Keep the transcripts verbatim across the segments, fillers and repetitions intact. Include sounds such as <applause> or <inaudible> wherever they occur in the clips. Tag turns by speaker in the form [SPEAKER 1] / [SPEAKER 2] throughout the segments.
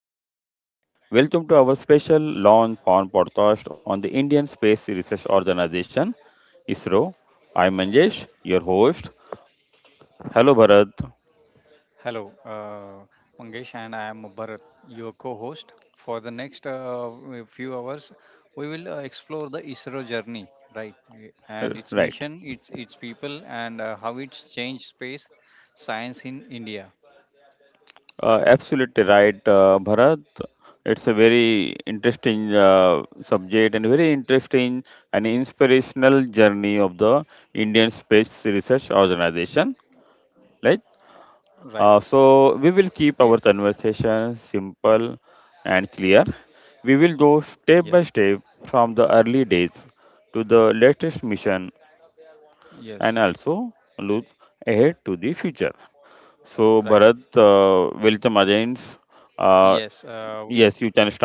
[SPEAKER 1] everyone. Welcome to our special launch on podcast on the Indian Space Research Organization, I S R O. I'm Manjesh, your host. Hello Bharat.
[SPEAKER 2] Hello, uh, Mangesh, and I am Bharat, your co host. For the next uh, few hours, we will uh, explore the I S R O journey, right?
[SPEAKER 1] Uh,
[SPEAKER 2] And its
[SPEAKER 1] Right.
[SPEAKER 2] mission, its, its people, and uh, how it's changed space science in India,
[SPEAKER 1] Uh, absolutely right, uh, Bharat. It's a very interesting uh, subject and very interesting and inspirational journey of the Indian Space Research Organization. Like
[SPEAKER 2] right?
[SPEAKER 1] Uh, so we
[SPEAKER 2] Yes,
[SPEAKER 1] will keep our conversation simple and clear. We will go
[SPEAKER 2] yes,
[SPEAKER 1] step by step from the early days to the latest mission and
[SPEAKER 2] yes,
[SPEAKER 1] also look ahead to the future. So
[SPEAKER 2] right.
[SPEAKER 1] Bharat, uh, welcome again. Uh,
[SPEAKER 2] Yes, uh, we
[SPEAKER 1] yes, you can start.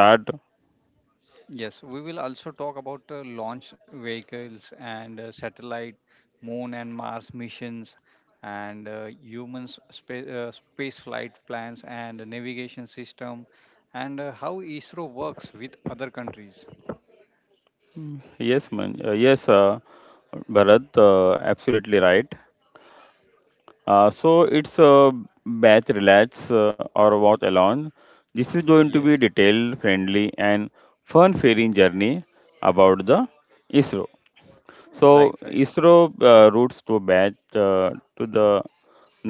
[SPEAKER 2] Yes, we will also talk about uh, launch vehicles and uh, satellite, moon and Mars missions, and uh, humans space, uh, space flight plans and navigation system, and uh, how I S R O works with other countries.
[SPEAKER 1] Mm, Yes, man. Uh, yes, uh, Bharat, uh, absolutely right. Uh, so it's a bath relax uh, or walk alone. This is going to be
[SPEAKER 2] Yes,
[SPEAKER 1] detailed, friendly, and fun ferrying journey about the I S R O. So
[SPEAKER 2] right, right.
[SPEAKER 1] I S R O uh, roots to bath uh, to the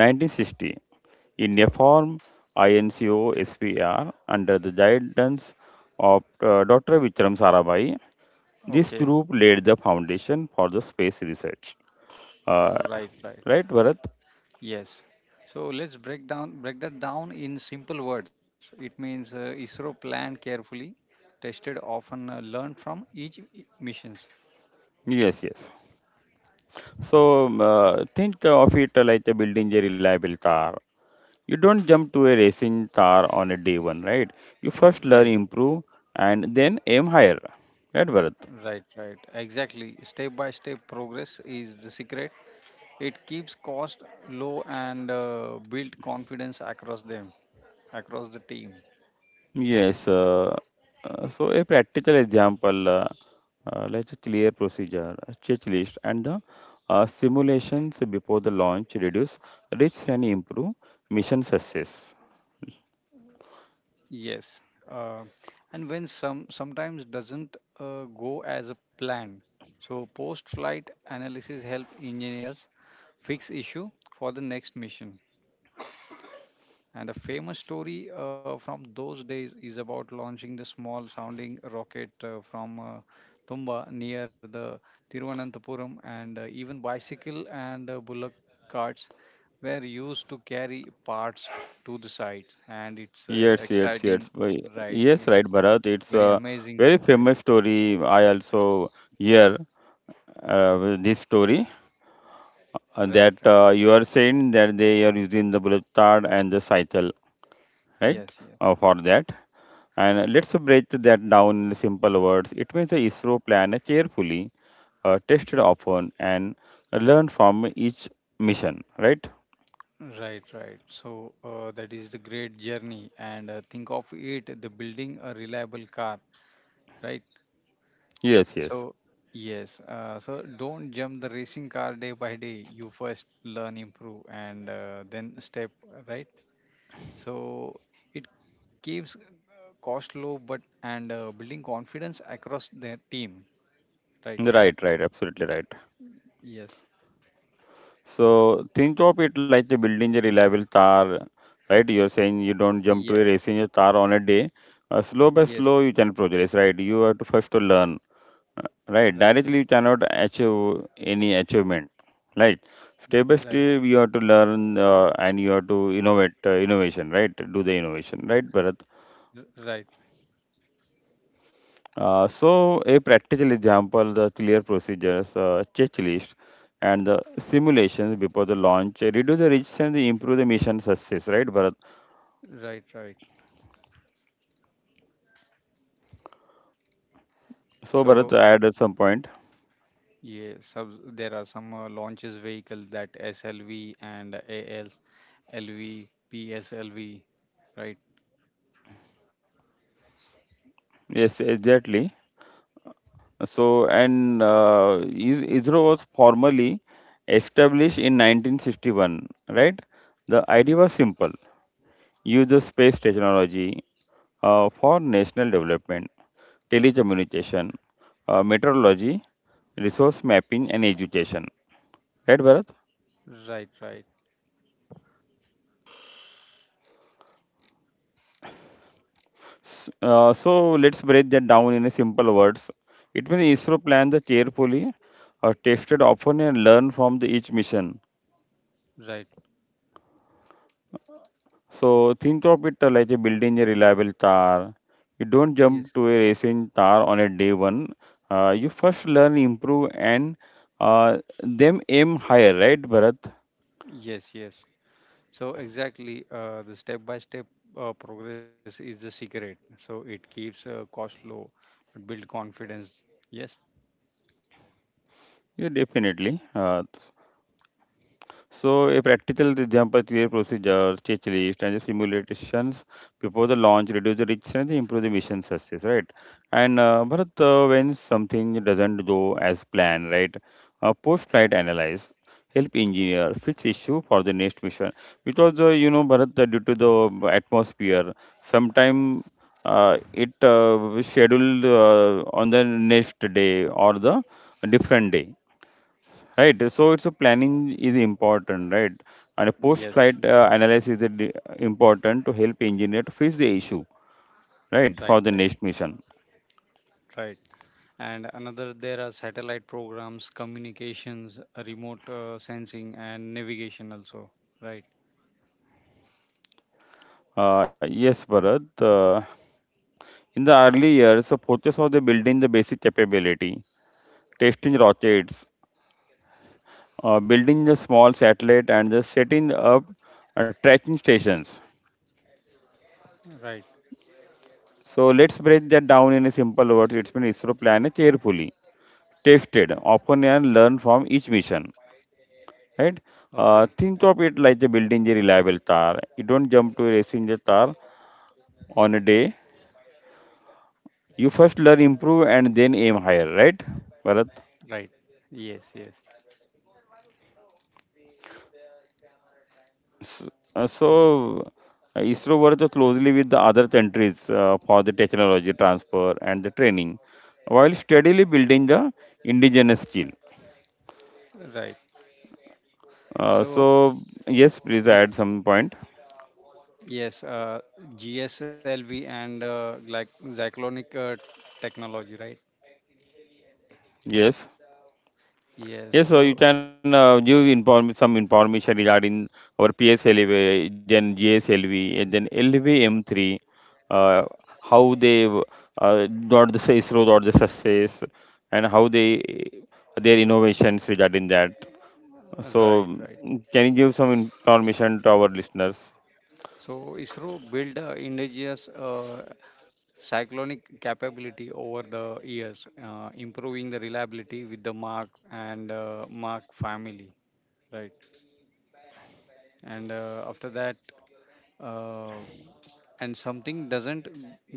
[SPEAKER 1] nineteen sixty in a
[SPEAKER 2] O-
[SPEAKER 1] form I N C O S P R under the guidance of uh, doctor Vikram Sarabhai. This group
[SPEAKER 2] Okay,
[SPEAKER 1] laid the foundation for the space research. Uh,
[SPEAKER 2] right, right.
[SPEAKER 1] right, Bharat?
[SPEAKER 2] Yes. So let's break down break that down in simple words. It means uh, I S R O planned carefully, tested often, uh, learned from each i- missions.
[SPEAKER 1] Yes, yes. So um, uh, think of it like a building a reliable car. You don't jump to a racing car on a day one, right? You first learn,
[SPEAKER 2] Right.
[SPEAKER 1] improve, and then aim higher. Right, Bharat?
[SPEAKER 2] Right, right. Exactly. Step by step progress is the secret. It keeps cost low and uh, build confidence across them, across the team.
[SPEAKER 1] Yes. Uh, uh, so a practical example, uh, uh, like a clear procedure, a checklist, and the uh, simulations before the launch reduce risks and improve mission success.
[SPEAKER 2] Yes. Uh, and when some sometimes doesn't uh, go as a plan, so post-flight analysis help engineers fix issue for the next mission. And a famous story uh, from those days is about launching the small sounding rocket uh, from uh, Tumba near the Tiruvananthapuram, and uh, even bicycle and uh, bullock carts were used to carry parts to the site. And it's uh,
[SPEAKER 1] Yes, yes,
[SPEAKER 2] exciting,
[SPEAKER 1] yes. Why-
[SPEAKER 2] right?
[SPEAKER 1] Yes,
[SPEAKER 2] It,
[SPEAKER 1] right, Bharat. It's
[SPEAKER 2] very
[SPEAKER 1] a
[SPEAKER 2] amazing,
[SPEAKER 1] very
[SPEAKER 2] right?
[SPEAKER 1] famous story. I also hear uh, this story uh,
[SPEAKER 2] Right,
[SPEAKER 1] that
[SPEAKER 2] right.
[SPEAKER 1] uh, you are saying that they are using the Bulistard and the cycle, right,
[SPEAKER 2] Yes, yes.
[SPEAKER 1] uh, for that. And let's break that down in simple words. It means the I S R O plan a carefully, uh, tested often, and learn from each mission, right?
[SPEAKER 2] Right, right. So uh, that is the great journey. And uh, think of it, the building a reliable car, right?
[SPEAKER 1] Yes, yes.
[SPEAKER 2] So, yes, uh, so don't jump the racing car day by day. You first learn, improve, and uh, then step, right? So, it keeps uh, cost low, but and uh, building confidence across the team, right?
[SPEAKER 1] Right, right. Absolutely right.
[SPEAKER 2] Yes,
[SPEAKER 1] So think of it like a building a reliable tower, right? You're saying you don't jump to a
[SPEAKER 2] yes,
[SPEAKER 1] racing a tower on a day. Uh, slow by
[SPEAKER 2] yes,
[SPEAKER 1] slow, you can progress, right? You have to first to learn, uh, right?
[SPEAKER 2] right,
[SPEAKER 1] Directly, you cannot achieve any achievement, right? Step by
[SPEAKER 2] right,
[SPEAKER 1] step, you have to learn uh, and you have to innovate, uh, innovation, right? Do the innovation, right, Bharat?
[SPEAKER 2] r- right,
[SPEAKER 1] Uh, so, a practical example the clear procedures, uh, checklist, and the simulations before the launch uh, reduce the risks and improve the mission success, right, Bharat?
[SPEAKER 2] right, right.
[SPEAKER 1] So, Bharat,
[SPEAKER 2] So,
[SPEAKER 1] add at some point.
[SPEAKER 2] yes, sub- there are some uh, launches vehicle that SLV and AL. LV, PSLV, right?
[SPEAKER 1] Yes, exactly. So, and uh, is- I S R O was formally established in nineteen sixty-one, right? The idea was simple use the space technology uh, for national development. Telecommunication, uh, meteorology, resource mapping, and education. Right, Bharat?
[SPEAKER 2] Right, right,
[SPEAKER 1] S- uh, so let's break that down in a simple words. It means I S R O planned the carefully, uh, tested often, and learned from the each mission.
[SPEAKER 2] right.
[SPEAKER 1] So think of it uh, like a building a reliable tower. You don't jump
[SPEAKER 2] Yes,
[SPEAKER 1] to a racing tower on a day one. Uh, you first learn, improve, and uh, them aim higher, right, Bharat?
[SPEAKER 2] yes, yes. So exactly, uh, the step-by-step uh, progress is the secret. So it keeps uh, cost low, but build confidence. Yes,
[SPEAKER 1] Yeah, definitely. Uh, So, a practical example clear procedures, checklist, and the simulations before the launch reduce the risk and improve the mission success, right? And uh, but uh, when something doesn't go as planned, right? Uh, post-flight analyze help engineer fix issue for the next mission because uh, you know Bharat uh, due to the atmosphere sometime uh, it uh, scheduled uh, on the next day or the different day. Right, so it's a planning is important, right? And a
[SPEAKER 2] yes,
[SPEAKER 1] post-flight
[SPEAKER 2] yes.
[SPEAKER 1] uh, analysis is di- important to help engineer to fix the issue, right,
[SPEAKER 2] Right,
[SPEAKER 1] for the
[SPEAKER 2] right,
[SPEAKER 1] next mission.
[SPEAKER 2] right. And another, there are satellite programs, communications, uh, remote uh, sensing, and navigation also. Right,
[SPEAKER 1] Uh, yes, Bharat. Uh, in the early years, the focus of the building the basic capability, testing rockets, uh, building the small satellite, and the setting up uh, tracking stations.
[SPEAKER 2] right.
[SPEAKER 1] So let's break that down in a simple words. It's been I S R O planned carefully, tested, often and learn from each mission. Right? Uh,
[SPEAKER 2] Okay,
[SPEAKER 1] think of it like the building a reliable tower. You don't jump to racing the tower on a day. You first learn, improve, and then aim higher, right, Bharat?
[SPEAKER 2] right. Yes, yes.
[SPEAKER 1] S- uh, So, uh, I S R O works closely with the other countries uh, for the technology transfer and the training, while steadily building the indigenous skill.
[SPEAKER 2] Right.
[SPEAKER 1] Uh,
[SPEAKER 2] So.
[SPEAKER 1] so, yes, please add some point.
[SPEAKER 2] Yes, uh, G S L V and uh, like Zyclonic uh, technology, right?
[SPEAKER 1] Yes.
[SPEAKER 2] Yes,
[SPEAKER 1] Yes, so
[SPEAKER 2] so
[SPEAKER 1] you can uh, give inform some information regarding our P S L V, then G S L V, and then L V M three uh, how they uh, got the I S R O got the success, and how they their innovations regarding that.
[SPEAKER 2] uh,
[SPEAKER 1] So,
[SPEAKER 2] right, right.
[SPEAKER 1] mm, can you give some information to our listeners?
[SPEAKER 2] So I S R O built uh, indigenous uh, cyclonic capability over the years, uh, improving the reliability with the Mark and uh, Mark family, right? And uh, after that, uh, and something doesn't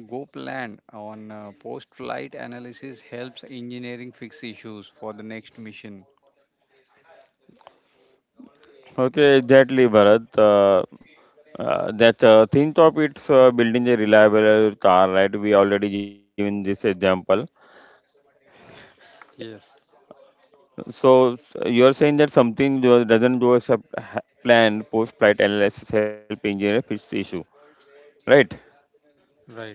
[SPEAKER 2] go plan on uh, post-flight analysis helps engineering fix issues for the next mission.
[SPEAKER 1] Okay, exactly, Bharat. Uh, uh, that uh, Think of it's uh, building a reliable car, right? We already given this example.
[SPEAKER 2] Yes,
[SPEAKER 1] So s- you're saying that something do- doesn't go as a p- ha- plan post-flight analysis help engineer fix the issue, right?
[SPEAKER 2] right.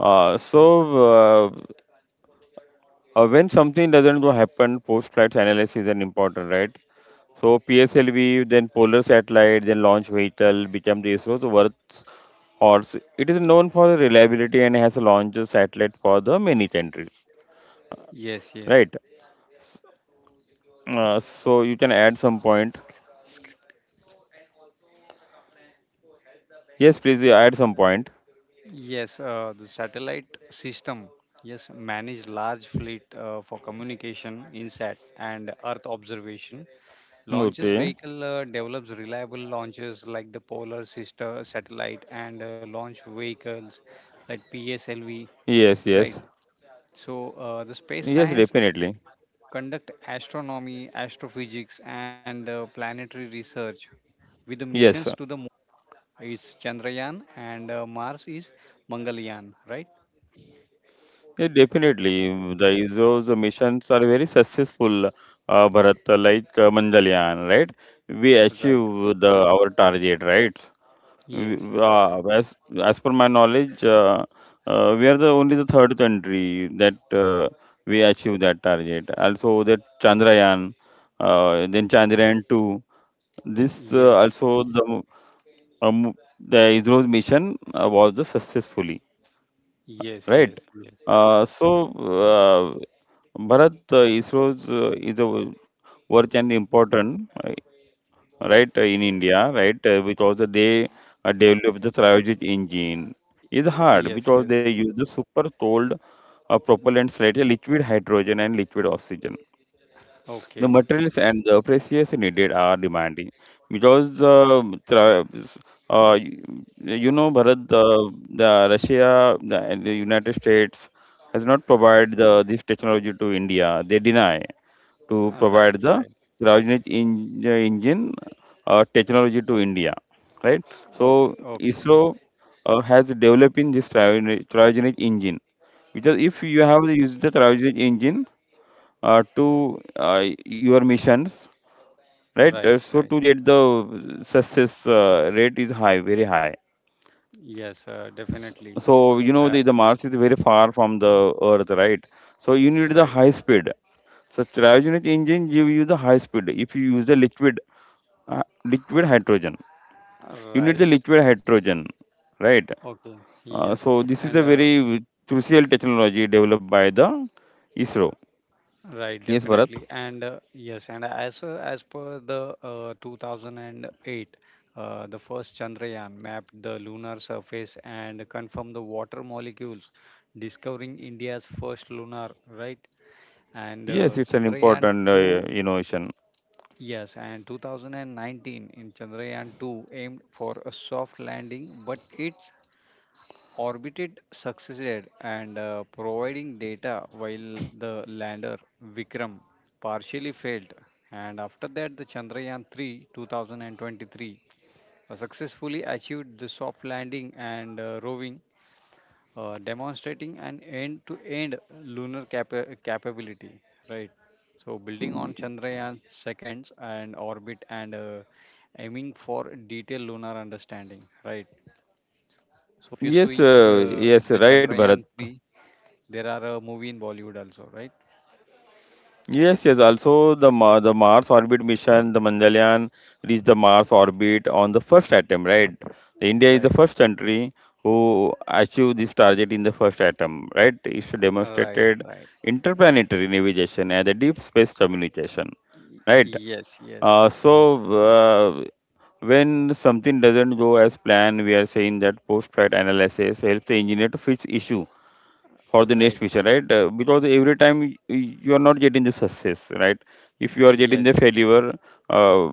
[SPEAKER 1] Uh, so uh, uh, when something doesn't go happen, post-flight analysis is an important, right? So P S L V, then Polar Satellite, then Launch Vehicle become the I S R O's workhorse. It is known for reliability and has launched a satellite for the many countries,
[SPEAKER 2] Yes, yes,
[SPEAKER 1] right? Uh, so you can add some point. Yes, please you add some point.
[SPEAKER 2] yes. Uh, the satellite system, yes, manage large fleet uh, for communication, INSAT, and Earth observation. Launches vehicle
[SPEAKER 1] Okay.
[SPEAKER 2] uh, develops reliable launches like the Polar Sister satellite and uh, launch vehicles like P S L V,
[SPEAKER 1] Yes,
[SPEAKER 2] right?
[SPEAKER 1] yes.
[SPEAKER 2] So uh, the space
[SPEAKER 1] Yes,
[SPEAKER 2] science
[SPEAKER 1] definitely.
[SPEAKER 2] conduct astronomy, astrophysics, and uh, planetary research with the missions to
[SPEAKER 1] Yes, uh,
[SPEAKER 2] the is Chandrayaan and uh, Mars is Mangalyaan, right?
[SPEAKER 1] yeah, definitely. The I S R O's missions are very successful, uh, Bharat, uh, like uh, Mangalyaan, right? We
[SPEAKER 2] Right.
[SPEAKER 1] achieve the our target, right? We,
[SPEAKER 2] Yes, yes,
[SPEAKER 1] uh, as as per my knowledge, uh, uh, we are the only the third country that uh, we achieve that target. Also, that Chandrayaan, uh, then Chandrayaan two. This uh,
[SPEAKER 2] yes,
[SPEAKER 1] also the um, the I S R O's mission uh, was the successfully.
[SPEAKER 2] yes,
[SPEAKER 1] Right.
[SPEAKER 2] yes,
[SPEAKER 1] Uh, so, uh, Bharat, uh, I S R O's uh, is a w- work and important, uh, right, uh, in India, right, uh, because they uh, develop the cryogenic engine.
[SPEAKER 2] yes,
[SPEAKER 1] Is hard
[SPEAKER 2] yes, yes.
[SPEAKER 1] because they use the super cold uh, propellants, right, uh, liquid hydrogen and liquid oxygen. The
[SPEAKER 2] Okay.
[SPEAKER 1] materials and the precious needed are demanding because uh, tra- uh, you, you know Bharat the, the Russia the, and the United States has not provided the, this technology to India. They deny to
[SPEAKER 2] Uh, right,
[SPEAKER 1] provide the
[SPEAKER 2] right.
[SPEAKER 1] cryogenic in, the engine uh, technology to India, right? So
[SPEAKER 2] Okay, okay.
[SPEAKER 1] I S R O uh, has developing this cryogenic, cryogenic engine because if you have used the cryogenic engine uh, to uh, your missions, right? Uh,
[SPEAKER 2] Right,
[SPEAKER 1] so
[SPEAKER 2] right.
[SPEAKER 1] to get the success uh, rate is high, very high.
[SPEAKER 2] Yes, uh, definitely.
[SPEAKER 1] So you know
[SPEAKER 2] Uh,
[SPEAKER 1] the, the Mars is very far from the Earth, right? So you need the
[SPEAKER 2] right,
[SPEAKER 1] high
[SPEAKER 2] right.
[SPEAKER 1] speed. So cryogenic engine give you the high speed. If you use the liquid, uh, liquid hydrogen, you need the
[SPEAKER 2] Right.
[SPEAKER 1] liquid hydrogen, right?
[SPEAKER 2] Okay.
[SPEAKER 1] Uh,
[SPEAKER 2] Yes.
[SPEAKER 1] so this
[SPEAKER 2] And
[SPEAKER 1] is a
[SPEAKER 2] uh,
[SPEAKER 1] very crucial technology developed by the I S R O.
[SPEAKER 2] right,
[SPEAKER 1] Yes, Bharat.
[SPEAKER 2] definitely. And uh, yes, and as uh, as per the uh, two thousand eight, uh, the first Chandrayaan mapped the lunar surface and confirmed the water molecules, discovering India's first lunar, right? And
[SPEAKER 1] Yes,
[SPEAKER 2] uh,
[SPEAKER 1] it's an
[SPEAKER 2] Chandrayaan
[SPEAKER 1] important uh,
[SPEAKER 2] two,
[SPEAKER 1] innovation.
[SPEAKER 2] yes, and twenty nineteen in Chandrayaan two aimed for a soft landing, but its orbited succeeded and uh, providing data while the lander Vikram partially failed. And after that, the Chandrayaan three two thousand twenty-three uh, successfully achieved the soft landing and uh, roving uh, demonstrating an end to end lunar capa- capability, right? So, building on Chandrayaan seconds and orbit and uh, aiming for detailed lunar understanding, right? So, if you see
[SPEAKER 1] Yes, uh,
[SPEAKER 2] uh, the
[SPEAKER 1] yes, right,
[SPEAKER 2] Chandrayaan
[SPEAKER 1] Bharat.
[SPEAKER 2] three, there are a movie in Bollywood also, right?
[SPEAKER 1] Yes, yes. Also, the Ma- the Mars orbit mission, the Mangalyaan reached the Mars orbit on the first attempt, right? The India is the
[SPEAKER 2] Right,
[SPEAKER 1] first country who achieved this target in the first attempt, right? It's
[SPEAKER 2] right,
[SPEAKER 1] demonstrated
[SPEAKER 2] right.
[SPEAKER 1] interplanetary navigation and the deep space communication,
[SPEAKER 2] Y-
[SPEAKER 1] right?
[SPEAKER 2] Yes, yes,
[SPEAKER 1] Uh, so, uh, when something doesn't go as planned, we are saying that post-flight analysis helps the engineer to fix issue for the
[SPEAKER 2] right,
[SPEAKER 1] next future, right? Uh, because every time y- you are not getting the success, right? If you are getting the
[SPEAKER 2] yes,
[SPEAKER 1] failure, uh,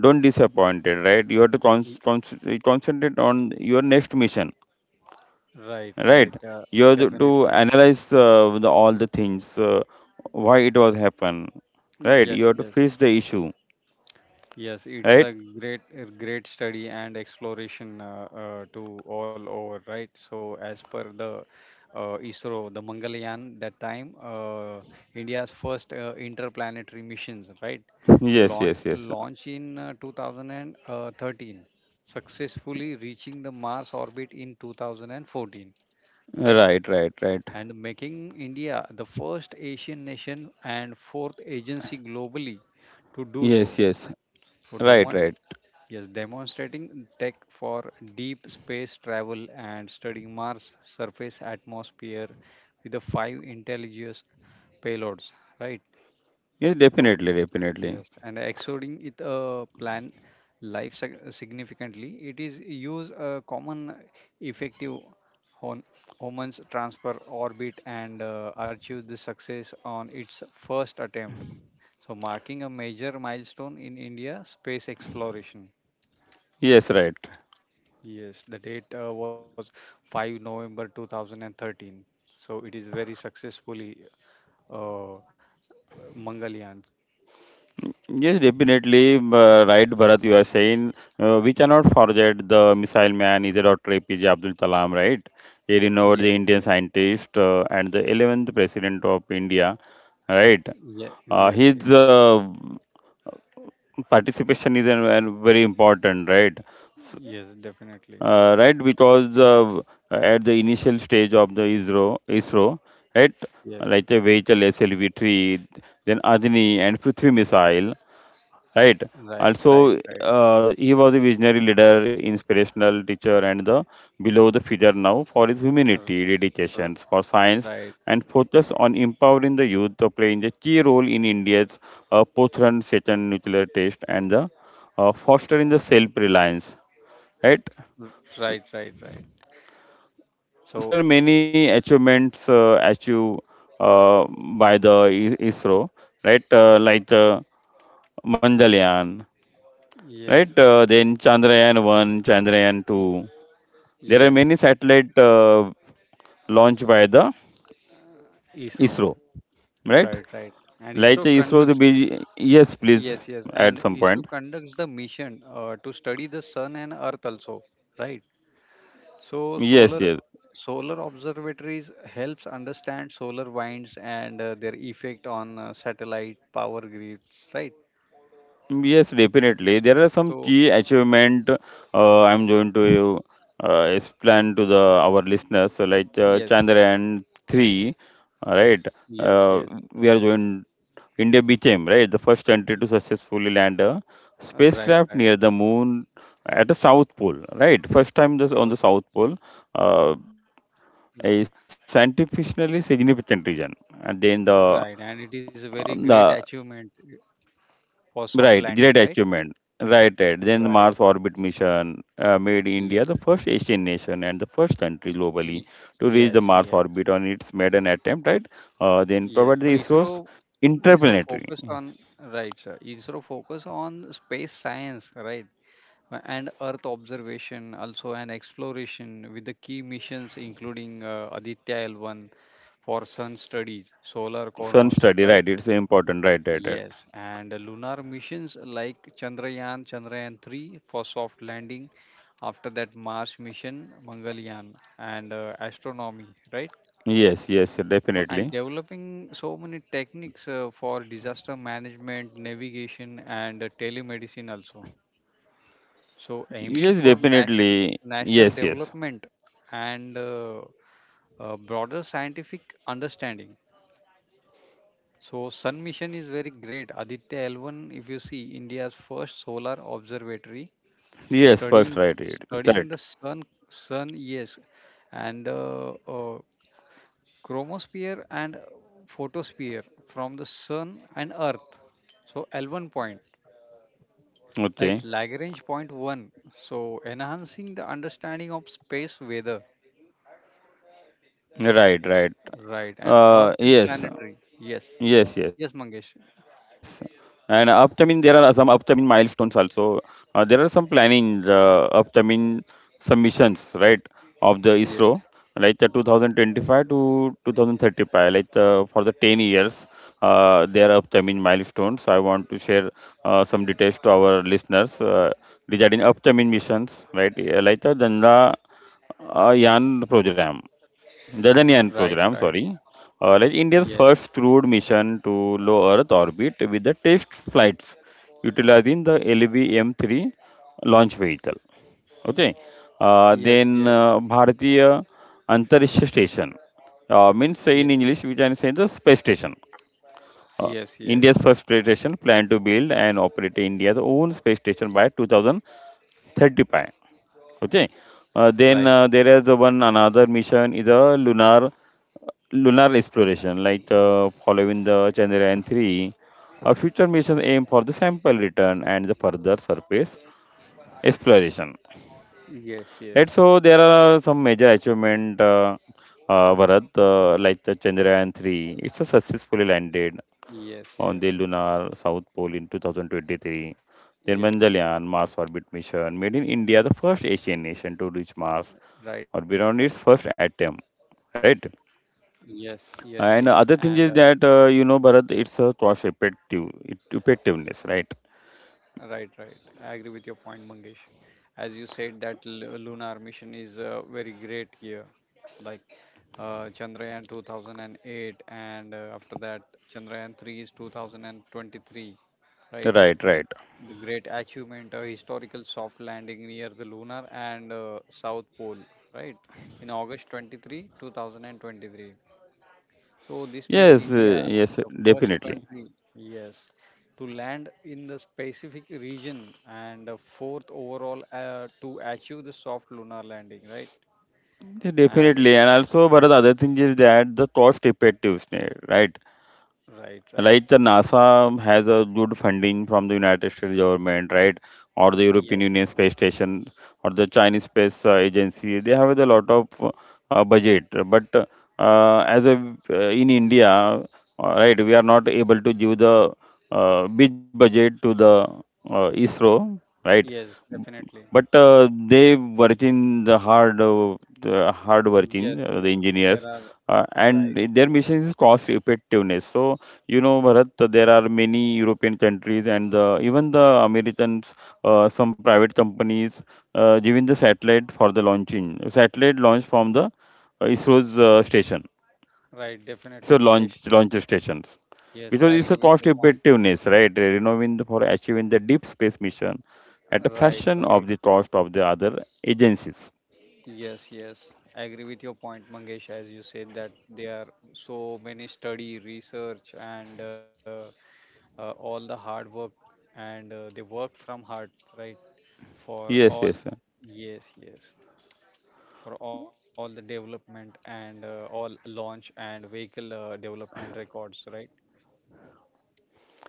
[SPEAKER 1] don't disappointed, right? You have to con-
[SPEAKER 2] y-
[SPEAKER 1] con- concentrate on your next mission,
[SPEAKER 2] right, right,
[SPEAKER 1] right?
[SPEAKER 2] uh,
[SPEAKER 1] You have to to
[SPEAKER 2] definitely.
[SPEAKER 1] analyze uh, the, all the things, uh, why it was happen, right? You
[SPEAKER 2] Yes,
[SPEAKER 1] have to
[SPEAKER 2] yes.
[SPEAKER 1] face the issue,
[SPEAKER 2] Yes, it's
[SPEAKER 1] right?
[SPEAKER 2] a great, a great study and exploration uh, uh, to all over, right? So, as per the uh, I S R O, the Mangalyaan, that time uh, India's first uh, interplanetary missions, right? So,
[SPEAKER 1] Yes,
[SPEAKER 2] launch
[SPEAKER 1] yes, yes.
[SPEAKER 2] launch in uh, two thousand thirteen, successfully reaching the Mars orbit in two thousand fourteen, right?
[SPEAKER 1] Right, right, right.
[SPEAKER 2] And making India the first Asian nation and fourth agency globally to do
[SPEAKER 1] Yes,
[SPEAKER 2] so.
[SPEAKER 1] yes.
[SPEAKER 2] So,
[SPEAKER 1] Right,
[SPEAKER 2] Dhawan,
[SPEAKER 1] right.
[SPEAKER 2] yes, demonstrating tech for deep space travel and studying Mars surface atmosphere with the five intelligence payloads, right?
[SPEAKER 1] Yes,
[SPEAKER 2] So,
[SPEAKER 1] definitely, definitely.
[SPEAKER 2] yes, and exoding it a plan life sig- significantly. It is use a common effective hon- Homan's transfer orbit and uh, achieve the success on its first attempt. So, marking a major milestone in India space exploration.
[SPEAKER 1] Yes, right.
[SPEAKER 2] Yes, the date uh, was five November two thousand thirteen. So it is very successfully uh, Mangalyaan.
[SPEAKER 1] Yes, definitely. uh, Right, Bharat, you are saying uh, we cannot forget the missile man, either doctor A P J Abdul Kalam, right? A renowned
[SPEAKER 2] Yes,
[SPEAKER 1] Indian
[SPEAKER 2] yes,
[SPEAKER 1] scientist uh, and the eleventh president of India, right?
[SPEAKER 2] yes,
[SPEAKER 1] Uh,
[SPEAKER 2] yes,
[SPEAKER 1] his
[SPEAKER 2] yes,
[SPEAKER 1] uh, participation is an, an very important, right? S-
[SPEAKER 2] yes, definitely.
[SPEAKER 1] Uh, right, because uh, at the initial stage of the I S R O I S R O, right,
[SPEAKER 2] Yes,
[SPEAKER 1] like a vehicle
[SPEAKER 2] yes,
[SPEAKER 1] S L V three, then Adani and Prithvi missile, right,
[SPEAKER 2] right, right,
[SPEAKER 1] also
[SPEAKER 2] right,
[SPEAKER 1] uh, he was a visionary leader inspirational teacher and the below the figure now for his
[SPEAKER 2] uh,
[SPEAKER 1] humanity
[SPEAKER 2] uh,
[SPEAKER 1] dedications for science
[SPEAKER 2] right,
[SPEAKER 1] and focus on empowering the youth to playing a key role in india's uh, post second nuclear test and the uh, fostering the self-reliance, right.
[SPEAKER 2] r- right, right, right.
[SPEAKER 1] So there
[SPEAKER 2] So
[SPEAKER 1] are many achievements uh, achieved uh, by the I- isro right uh, like the mangalyaan, right?
[SPEAKER 2] yes,
[SPEAKER 1] Uh, then Chandrayaan one, Chandrayaan
[SPEAKER 2] y-
[SPEAKER 1] two. There are
[SPEAKER 2] yes,
[SPEAKER 1] many satellite uh, launched by the
[SPEAKER 2] I S R O,
[SPEAKER 1] I S R O, right?
[SPEAKER 2] right, right, and
[SPEAKER 1] Like
[SPEAKER 2] I S R O
[SPEAKER 1] the I S R O, the
[SPEAKER 2] conducts.
[SPEAKER 1] big, yes, please,
[SPEAKER 2] Yes, yes,
[SPEAKER 1] at
[SPEAKER 2] and
[SPEAKER 1] some
[SPEAKER 2] I S R O
[SPEAKER 1] point.
[SPEAKER 2] conducts the mission uh, to study the sun and earth also, right? So
[SPEAKER 1] Yes,
[SPEAKER 2] solar
[SPEAKER 1] yes.
[SPEAKER 2] solar observatories helps understand solar winds and uh, their effect on uh, satellite power grids, right?
[SPEAKER 1] Yes, definitely. There are some
[SPEAKER 2] So
[SPEAKER 1] key achievement uh, I'm going to uh, explain to the our listeners. So like uh,
[SPEAKER 2] yes,
[SPEAKER 1] Chandrayaan three, uh, right?
[SPEAKER 2] yes,
[SPEAKER 1] Uh,
[SPEAKER 2] yes.
[SPEAKER 1] we are going. India became right the first country to successfully land a
[SPEAKER 2] Uh, Right,
[SPEAKER 1] spacecraft
[SPEAKER 2] right.
[SPEAKER 1] near the moon at the South Pole. Right, first time this on
[SPEAKER 2] Uh,
[SPEAKER 1] the South Pole, uh, a scientifically significant region, and then the
[SPEAKER 2] right, and it is a very
[SPEAKER 1] um,
[SPEAKER 2] great
[SPEAKER 1] the
[SPEAKER 2] achievement uh, for soft
[SPEAKER 1] Right,
[SPEAKER 2] landing,
[SPEAKER 1] great
[SPEAKER 2] right?
[SPEAKER 1] achievement. Right, right. Then
[SPEAKER 2] Right.
[SPEAKER 1] Mars orbit mission uh, made India
[SPEAKER 2] Yes.
[SPEAKER 1] the first Asian nation and the first country
[SPEAKER 2] Y- y-
[SPEAKER 1] globally to reach
[SPEAKER 2] yes,
[SPEAKER 1] the Mars
[SPEAKER 2] yes.
[SPEAKER 1] orbit on its maiden attempt, right? Uh, then
[SPEAKER 2] Yes.
[SPEAKER 1] provide
[SPEAKER 2] So
[SPEAKER 1] the
[SPEAKER 2] I S R O
[SPEAKER 1] ISRO's
[SPEAKER 2] I S R O
[SPEAKER 1] interplanetary
[SPEAKER 2] focus on right, sir. I S R O focus on space science, right? Uh, and Earth observation, also an exploration with the key missions including uh, Aditya L one for sun studies, solar
[SPEAKER 1] sun
[SPEAKER 2] corners,
[SPEAKER 1] study,
[SPEAKER 2] right?
[SPEAKER 1] right? It's important, right, right, right.
[SPEAKER 2] Yes, and lunar missions like Chandrayaan, Chandrayaan three for soft landing, after that Mars mission, Mangalyaan, and uh, astronomy, right?
[SPEAKER 1] Yes, yes,
[SPEAKER 2] So, and
[SPEAKER 1] definitely.
[SPEAKER 2] developing so many techniques uh, for disaster management, navigation, and uh, telemedicine also. So aiming
[SPEAKER 1] Yes,
[SPEAKER 2] for national
[SPEAKER 1] definitely.
[SPEAKER 2] national
[SPEAKER 1] Yes, yes.
[SPEAKER 2] development and uh, uh, broader scientific understanding. So Sun mission is very great. Aditya L one, if you see India's first solar observatory,
[SPEAKER 1] Yes, first,
[SPEAKER 2] studying
[SPEAKER 1] right, right.
[SPEAKER 2] studying
[SPEAKER 1] Correct.
[SPEAKER 2] the sun sun yes, and uh, uh, chromosphere and photosphere from the sun and earth. So L one point, right?
[SPEAKER 1] Okay.
[SPEAKER 2] Lagrange point one. So enhancing the understanding of space weather.
[SPEAKER 1] Right, right.
[SPEAKER 2] Right. And
[SPEAKER 1] Uh,
[SPEAKER 2] Earth and
[SPEAKER 1] yes.
[SPEAKER 2] planetary. Yes.
[SPEAKER 1] Yes, yes.
[SPEAKER 2] Yes, Mangesh.
[SPEAKER 1] And upcoming, there are some upcoming milestones also. Uh, there are some planning, uh, upcoming submissions, right, of the ISRO,
[SPEAKER 2] Yes.
[SPEAKER 1] like the two thousand twenty-five to twenty thirty-five, like the, for the ten years, uh, there are upcoming milestones. I want to share uh, some details to our listeners uh, regarding upcoming missions, right, uh, like the Janda uh, Yan program. Gaganyaan
[SPEAKER 2] Right. Right.
[SPEAKER 1] program, sorry, uh, like India's
[SPEAKER 2] Yes.
[SPEAKER 1] first crewed mission to low Earth orbit with the test flights utilizing the lvm three launch vehicle. Okay, uh,
[SPEAKER 2] Yes.
[SPEAKER 1] then
[SPEAKER 2] Yes.
[SPEAKER 1] uh, Bharatiya Antariksha Station uh, means in
[SPEAKER 2] Ye-
[SPEAKER 1] English we can say the space station. Uh,
[SPEAKER 2] yes, yes.
[SPEAKER 1] India's first space station planned to build and operate India's own space station by two thousand thirty-five. Okay. Uh, then
[SPEAKER 2] Right.
[SPEAKER 1] uh, There is the one another mission is a lunar lunar exploration, like uh, following the Chandrayaan three, a future mission aim for the sample return and the further surface exploration.
[SPEAKER 2] Yes,
[SPEAKER 1] Right,
[SPEAKER 2] yes.
[SPEAKER 1] so there are some major achievement, uh, uh, Bharat, uh, like the Chandrayaan three. It's a successfully landed
[SPEAKER 2] Yes,
[SPEAKER 1] on the
[SPEAKER 2] yes.
[SPEAKER 1] lunar south pole in two thousand twenty-three. Then
[SPEAKER 2] Yes.
[SPEAKER 1] Mangalyaan Mars orbit mission made in India the first Asian nation to reach Mars
[SPEAKER 2] Right,
[SPEAKER 1] or
[SPEAKER 2] right.
[SPEAKER 1] beyond its first attempt. Right.
[SPEAKER 2] Yes, yes,
[SPEAKER 1] And
[SPEAKER 2] yes.
[SPEAKER 1] other
[SPEAKER 2] And
[SPEAKER 1] thing is
[SPEAKER 2] uh,
[SPEAKER 1] that uh, you know, Bharat, it's a cost effective it, effectiveness, right?
[SPEAKER 2] right, right. I agree with your point, Mangesh. As you said, that lu- lunar mission is uh, very great here, like uh, Chandrayaan two thousand eight, and uh, after that, Chandrayaan three is two thousand twenty-three, right?
[SPEAKER 1] Right, right.
[SPEAKER 2] The great achievement, a historical soft landing near the lunar and uh, South Pole, right? In August twenty-third, two thousand 23, two thousand twenty-three. So this made
[SPEAKER 1] Yes,
[SPEAKER 2] India
[SPEAKER 1] uh, yes,
[SPEAKER 2] the first
[SPEAKER 1] definitely.
[SPEAKER 2] country, yes, to land in the specific region and the fourth overall uh, to achieve the soft lunar landing, right?
[SPEAKER 1] Yeah,
[SPEAKER 2] And it,
[SPEAKER 1] definitely. And also, Bharat, other thing is that the cost effectiveness, right?
[SPEAKER 2] right, right.
[SPEAKER 1] Right, the NASA has a good funding from the United States government, right, or the European
[SPEAKER 2] Yes,
[SPEAKER 1] Union Space Station, or the Chinese Space uh, Agency. They have a lot of uh, uh, budget, but uh, as a uh, in India, uh, right, we are not able to give the uh, big budget to the uh, ISRO, right?
[SPEAKER 2] yes, definitely.
[SPEAKER 1] But uh, they working the hard, uh, the hard
[SPEAKER 2] Yes,
[SPEAKER 1] working uh, the
[SPEAKER 2] yes. There
[SPEAKER 1] engineers,
[SPEAKER 2] are,
[SPEAKER 1] uh,
[SPEAKER 2] right,
[SPEAKER 1] and their
[SPEAKER 2] right,
[SPEAKER 1] mission is cost effectiveness. So you know, Bharat, there are many European countries and uh, even the Americans, uh, some private companies, uh, giving the satellite for the launching. Satellite launch from the uh, ISRO's uh, station.
[SPEAKER 2] right. Definitely,
[SPEAKER 1] So launch
[SPEAKER 2] Mangesh.
[SPEAKER 1] launch stations
[SPEAKER 2] Yes,
[SPEAKER 1] because
[SPEAKER 2] I
[SPEAKER 1] it's
[SPEAKER 2] agree
[SPEAKER 1] a
[SPEAKER 2] with
[SPEAKER 1] cost
[SPEAKER 2] your point.
[SPEAKER 1] effectiveness, right? You know, in the, for achieving the deep space mission at a
[SPEAKER 2] Right,
[SPEAKER 1] fraction
[SPEAKER 2] right.
[SPEAKER 1] of the cost of the other agencies.
[SPEAKER 2] Yes, yes. I agree with your point, Mangesh, as you said that there are so many study, research, and uh, uh, all the hard work and uh, they work from heart, right? For
[SPEAKER 1] Yes,
[SPEAKER 2] all,
[SPEAKER 1] yes,
[SPEAKER 2] yes, yes, for all the development and uh, all launch and vehicle uh, development records, right?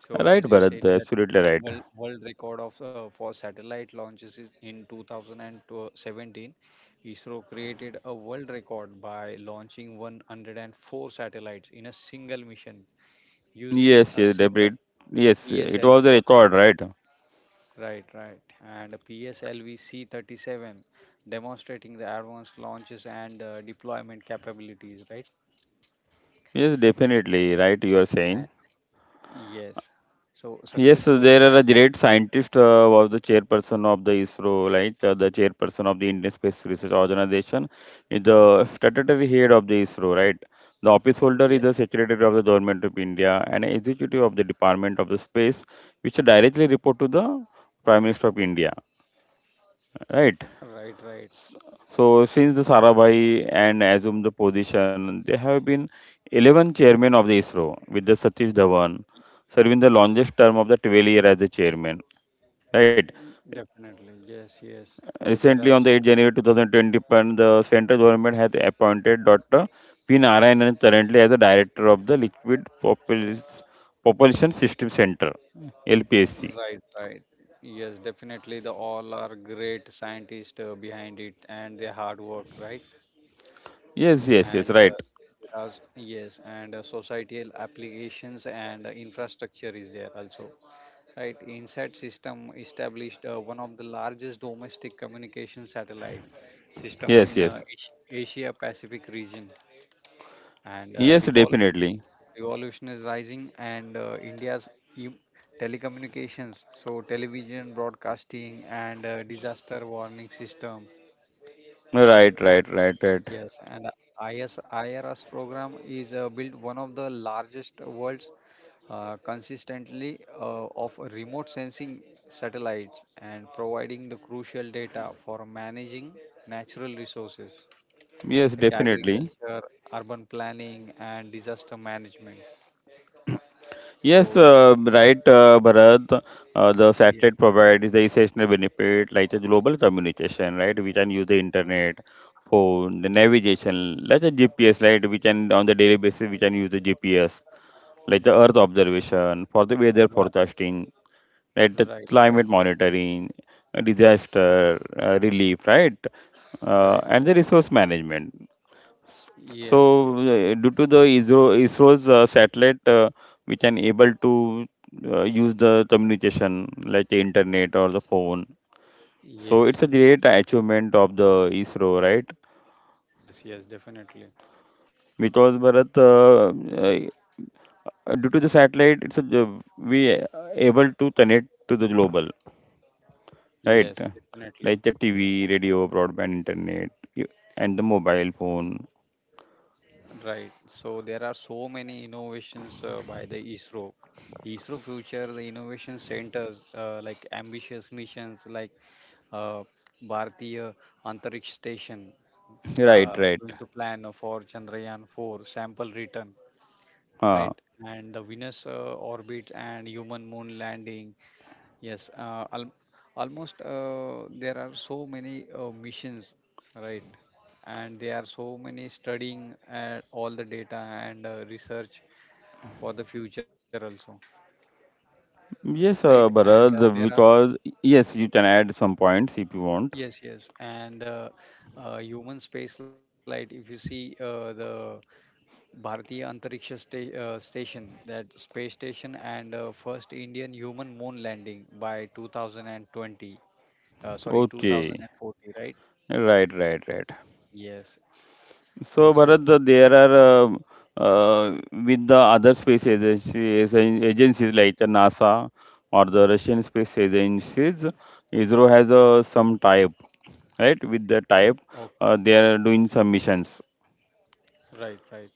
[SPEAKER 2] So
[SPEAKER 1] right,
[SPEAKER 2] as you
[SPEAKER 1] Bharat,
[SPEAKER 2] said that
[SPEAKER 1] absolutely right.
[SPEAKER 2] world world record of uh, for satellite launches is in twenty seventeen, I S R O created a world record by launching one hundred four satellites in a single mission using
[SPEAKER 1] Yes,
[SPEAKER 2] a
[SPEAKER 1] yes,
[SPEAKER 2] single
[SPEAKER 1] David. Yes, it was
[SPEAKER 2] P S L V
[SPEAKER 1] a
[SPEAKER 2] rocket.
[SPEAKER 1] record, right?
[SPEAKER 2] Right, right. And P S L V-C thirty-seven demonstrating the advanced launches and uh, deployment capabilities, right?
[SPEAKER 1] Yes, definitely right. You are
[SPEAKER 2] And
[SPEAKER 1] saying
[SPEAKER 2] yes. So
[SPEAKER 1] yes.
[SPEAKER 2] successfully
[SPEAKER 1] There are a
[SPEAKER 2] and
[SPEAKER 1] great scientist uh, was the chairperson of the ISRO, right? Uh, the chairperson of the Indian Space Research Organization, is the statutory head of the ISRO, right? The office holder
[SPEAKER 2] yeah,
[SPEAKER 1] is the secretary of the government of India and executive of the Department of the Space, which directly report to the Prime Minister of India, right?
[SPEAKER 2] right, right.
[SPEAKER 1] So since the Sarabhai and assumed the position, there have been eleven chairmen of the ISRO with the Satish Dhawan serving the longest term of the twelve year as the chairman. Right.
[SPEAKER 2] Definitely. Yes, yes. So there are
[SPEAKER 1] Recently, on
[SPEAKER 2] so
[SPEAKER 1] the 8th
[SPEAKER 2] many.
[SPEAKER 1] January twenty twenty-one, the central government has appointed Doctor P. Narayanan currently as the director of the Liquid Propulsion Propulsion System Center, L P S C.
[SPEAKER 2] Right, right. Yes, definitely. The all are great scientists uh, behind it and their hard work, right?
[SPEAKER 1] Yes, yes, yes,
[SPEAKER 2] And uh,
[SPEAKER 1] right.
[SPEAKER 2] there are, yes, and uh, societal applications and uh, infrastructure is there also. Right, InSat system established uh, one of the largest domestic communication satellite system
[SPEAKER 1] Yes,
[SPEAKER 2] in uh,
[SPEAKER 1] yes.
[SPEAKER 2] Asia Pacific region and uh,
[SPEAKER 1] Yes,
[SPEAKER 2] revol-
[SPEAKER 1] definitely.
[SPEAKER 2] revolutionizing and uh, India's e- telecommunications, so television broadcasting and uh, disaster warning system and
[SPEAKER 1] Right, right, right, right.
[SPEAKER 2] yes, and I S I R S program is uh, built one of the largest world's uh, consistently uh, of remote sensing satellites and providing the crucial data for managing natural resources
[SPEAKER 1] Yes,
[SPEAKER 2] like
[SPEAKER 1] definitely.
[SPEAKER 2] agriculture, urban planning, and disaster management.
[SPEAKER 1] Yes,
[SPEAKER 2] So it
[SPEAKER 1] uh, right, uh, Bharat. Uh,
[SPEAKER 2] is,
[SPEAKER 1] the
[SPEAKER 2] yeah,
[SPEAKER 1] satellite provides the essential benefit like the global communication, right? We can use the internet, phone, the
[SPEAKER 2] yeah,
[SPEAKER 1] navigation, like the G P S, right? We can on the daily basis we can use the G P S, like the Earth observation for the weather
[SPEAKER 2] right,
[SPEAKER 1] forecasting, right? The
[SPEAKER 2] right,
[SPEAKER 1] climate
[SPEAKER 2] right,
[SPEAKER 1] monitoring, uh, disaster uh, relief, right? Uh,
[SPEAKER 2] right,
[SPEAKER 1] and
[SPEAKER 2] right.
[SPEAKER 1] the resource management.
[SPEAKER 2] Yes,
[SPEAKER 1] So,
[SPEAKER 2] yes,
[SPEAKER 1] uh, due to the ISRO, ISRO's uh, satellite, uh, we can able to uh, use the communication like the internet or the phone. So, it's
[SPEAKER 2] yes,
[SPEAKER 1] a
[SPEAKER 2] yes,
[SPEAKER 1] great achievement of the ISRO, right?
[SPEAKER 2] yes, yes, definitely.
[SPEAKER 1] Because Bharat, uh, uh, due to the satellite, it's a, uh, we able to connect to the global, right?
[SPEAKER 2] Yes, definitely.
[SPEAKER 1] Like the T V, radio, broadband, internet, y- and the mobile phone.
[SPEAKER 2] Right. So there are so many innovations uh, by the I S R O. I S R O Future, the innovation centers uh, like ambitious missions like uh, Bharatiya Antariksha Station
[SPEAKER 1] Right,
[SPEAKER 2] uh,
[SPEAKER 1] right.
[SPEAKER 2] going to plan for Chandrayaan four sample return,
[SPEAKER 1] Huh.
[SPEAKER 2] right? And the Venus uh, orbit and human moon landing. Yes, uh, al almost uh, there are so many uh, missions, right? And there are so many studying uh, all the data and uh, research for the future also, right?
[SPEAKER 1] Yes, uh,
[SPEAKER 2] And uh, there are
[SPEAKER 1] Bharat, because yes, you can add some points if you want.
[SPEAKER 2] yes, yes, and uh, uh, human space flight. If you see uh, the Bharatiya Antariksha sta- uh, Station, that space station, and uh, first Indian human moon landing by twenty twenty, uh, sorry,
[SPEAKER 1] Okay,
[SPEAKER 2] two thousand forty, right?
[SPEAKER 1] right, right, right.
[SPEAKER 2] Yes.
[SPEAKER 1] So,
[SPEAKER 2] So
[SPEAKER 1] Bharat, the- there are um uh, with the other space agency, agen- agencies like the NASA or the Russian space agencies, ISRO has uh, some type, right? With the type,
[SPEAKER 2] Okay.
[SPEAKER 1] uh, they
[SPEAKER 2] Okay.
[SPEAKER 1] are doing some missions.
[SPEAKER 2] Right. Right.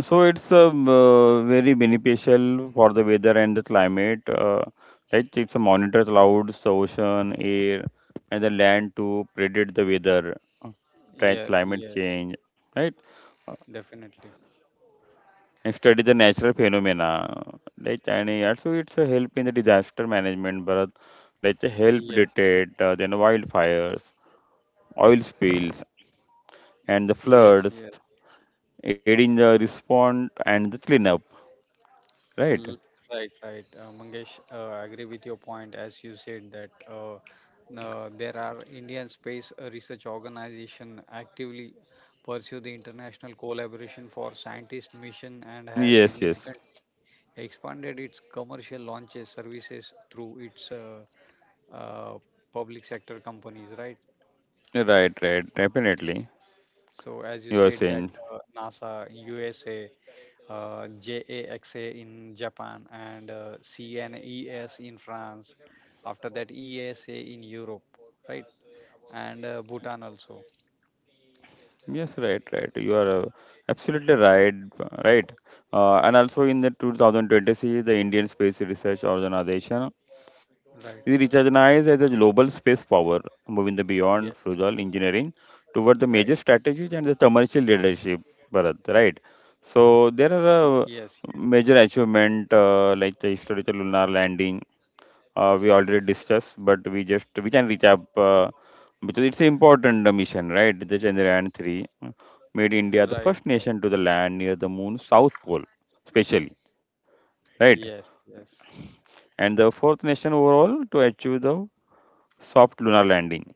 [SPEAKER 1] So it's um, uh, very beneficial for the weather and the climate. Uh, right? It's a monitor clouds, the ocean, air, and the land to predict the weather, uh, track
[SPEAKER 2] Yeah.
[SPEAKER 1] climate
[SPEAKER 2] Yeah.
[SPEAKER 1] change, right?
[SPEAKER 2] Definitely.
[SPEAKER 1] And study the natural phenomena, right? And uh, also it's a help in the disaster management, but like the help
[SPEAKER 2] Yes.
[SPEAKER 1] detect uh, then wildfires, oil spills, and the
[SPEAKER 2] Yes. Yes.
[SPEAKER 1] floods, aid in the response and the cleanup, right?
[SPEAKER 2] L- Right. Right. Uh, Mangesh, uh, I agree with your point as you said that uh, uh, there are Indian space uh, research organization actively pursue the international collaboration for scientist mission and has
[SPEAKER 1] Yes, yes.
[SPEAKER 2] significant expanded its commercial launches services through its uh, uh, public sector companies. Right.
[SPEAKER 1] Right, right, definitely.
[SPEAKER 2] So as you
[SPEAKER 1] You are
[SPEAKER 2] said that
[SPEAKER 1] saying
[SPEAKER 2] uh, NASA, U S A, uh, JAXA in Japan, and uh, C N E S in France. After that, E S A in Europe, right? And uh, Bhutan also,
[SPEAKER 1] yes, right, right. You are uh, absolutely right, right. Uh, and also in the twenty twenty-six, the Indian Space Research Organization is
[SPEAKER 2] right?
[SPEAKER 1] recognized as a global space power, moving the beyond
[SPEAKER 2] Yeah,
[SPEAKER 1] frugal engineering toward the major
[SPEAKER 2] right.
[SPEAKER 1] strategies and the commercial leadership. Bharat, right. So
[SPEAKER 2] Y-
[SPEAKER 1] there
[SPEAKER 2] Yes,
[SPEAKER 1] are uh,
[SPEAKER 2] yes,
[SPEAKER 1] major achievement uh, like the historical lunar landing uh, we already discussed, but we just we can recap uh, because it's an important uh, mission, right? The Chandrayaan three uh, made India the
[SPEAKER 2] right.
[SPEAKER 1] first nation to the land near the moon's south pole, especially, right?
[SPEAKER 2] Yes, yes,
[SPEAKER 1] And the fourth nation overall to achieve the soft lunar landing.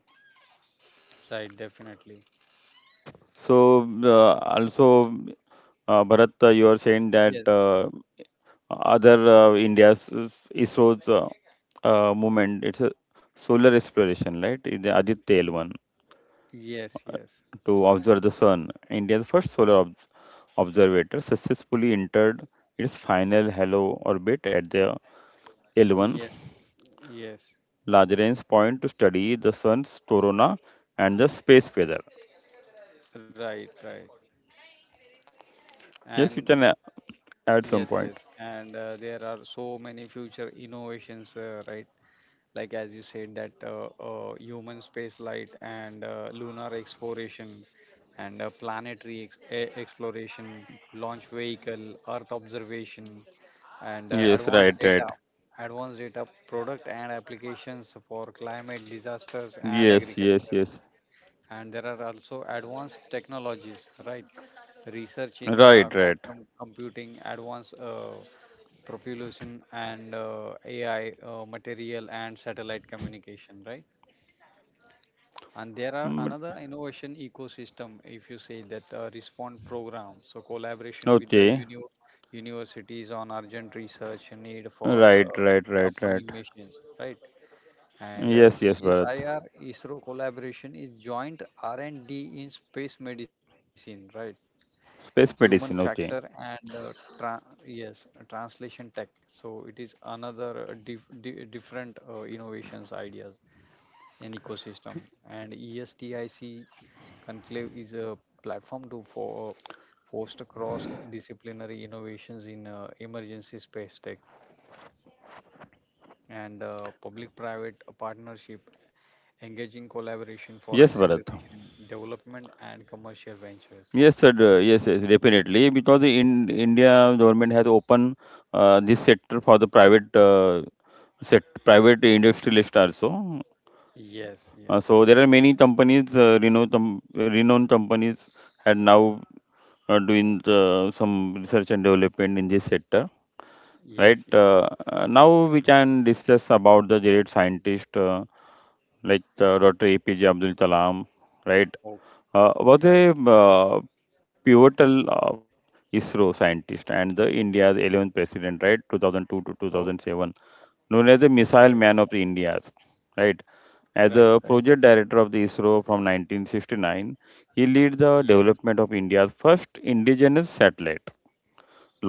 [SPEAKER 2] right. Definitely.
[SPEAKER 1] So uh, also, uh, Bharat, uh, you are saying that
[SPEAKER 2] Yes,
[SPEAKER 1] uh, other uh, India's uh, ISRO's uh, uh, movement, it's a solar exploration, right? In The Aditya L one
[SPEAKER 2] yes, yes,
[SPEAKER 1] to observe the sun, India's first solar ob- observator successfully entered its final halo orbit at the L one
[SPEAKER 2] yes, yes.
[SPEAKER 1] Lagrange point to study the sun's corona and the space weather.
[SPEAKER 2] Right, right.
[SPEAKER 1] Yes,
[SPEAKER 2] And
[SPEAKER 1] you can a- Add some
[SPEAKER 2] yes,
[SPEAKER 1] point.
[SPEAKER 2] yes, and uh, there are so many future innovations, uh, right? Like as you said, that uh, uh, human space light and uh, lunar exploration, and uh, planetary ex- e- exploration, launch vehicle, Earth observation, and uh,
[SPEAKER 1] Yes,
[SPEAKER 2] advanced
[SPEAKER 1] right,
[SPEAKER 2] data,
[SPEAKER 1] right.
[SPEAKER 2] advanced data product and applications for climate disasters and
[SPEAKER 1] Yes, yes,
[SPEAKER 2] agriculture.
[SPEAKER 1] yes.
[SPEAKER 2] And there are also advanced technologies, right? Research in
[SPEAKER 1] Right,
[SPEAKER 2] uh,
[SPEAKER 1] right.
[SPEAKER 2] quantum computing, advanced uh, propulsion and uh, A I, uh, material and satellite communication, right? And there are
[SPEAKER 1] Mm,
[SPEAKER 2] another innovation ecosystem, if you say that uh, respond program, so collaboration with the
[SPEAKER 1] okay.
[SPEAKER 2] uni universities on urgent research and need for uh,
[SPEAKER 1] Right, right, right, right.
[SPEAKER 2] upcoming missions, right? And uh,
[SPEAKER 1] Yes, yes, Bharat.
[SPEAKER 2] C S I R ISRO collaboration is joint R and D in space medicine, right? Human
[SPEAKER 1] Space medicine,
[SPEAKER 2] factor
[SPEAKER 1] okay.
[SPEAKER 2] and uh, tra- yes, uh, translation tech, so it is another uh, dif- di- different uh, innovations ideas and ecosystem, and estic conclave is a platform to for foster cross disciplinary innovations in uh, emergency space tech and uh, public private partnership
[SPEAKER 1] Yes,
[SPEAKER 2] engaging
[SPEAKER 1] Bharat.
[SPEAKER 2] collaboration for acceleration development and
[SPEAKER 1] Yes, sir.
[SPEAKER 2] commercial
[SPEAKER 1] d- Yes,
[SPEAKER 2] ventures.
[SPEAKER 1] yes, definitely. Because in India, government has opened uh, this sector for the private uh, set private industrialist also.
[SPEAKER 2] Yes,
[SPEAKER 1] Uh,
[SPEAKER 2] yes,
[SPEAKER 1] so there are many companies, uh, renowned, com- renowned companies, had now uh, doing the, some research and development in this sector.
[SPEAKER 2] yes,
[SPEAKER 1] Right.
[SPEAKER 2] yes,
[SPEAKER 1] Uh, uh, now we can discuss about the great scientist uh, like uh, Doctor A P J Abdul Kalam. Right.
[SPEAKER 2] okay,
[SPEAKER 1] Uh, was a
[SPEAKER 2] right.
[SPEAKER 1] uh, pivotal uh, ISRO scientist and the India's eleventh president, right, two thousand two to
[SPEAKER 2] Oh,
[SPEAKER 1] two thousand seven, known as the
[SPEAKER 2] right,
[SPEAKER 1] Missile Man of the India's, right. As
[SPEAKER 2] right,
[SPEAKER 1] a
[SPEAKER 2] right,
[SPEAKER 1] project
[SPEAKER 2] definitely.
[SPEAKER 1] director of the ISRO from nineteen sixty-nine, he led the
[SPEAKER 2] Yes,
[SPEAKER 1] development of India's first indigenous satellite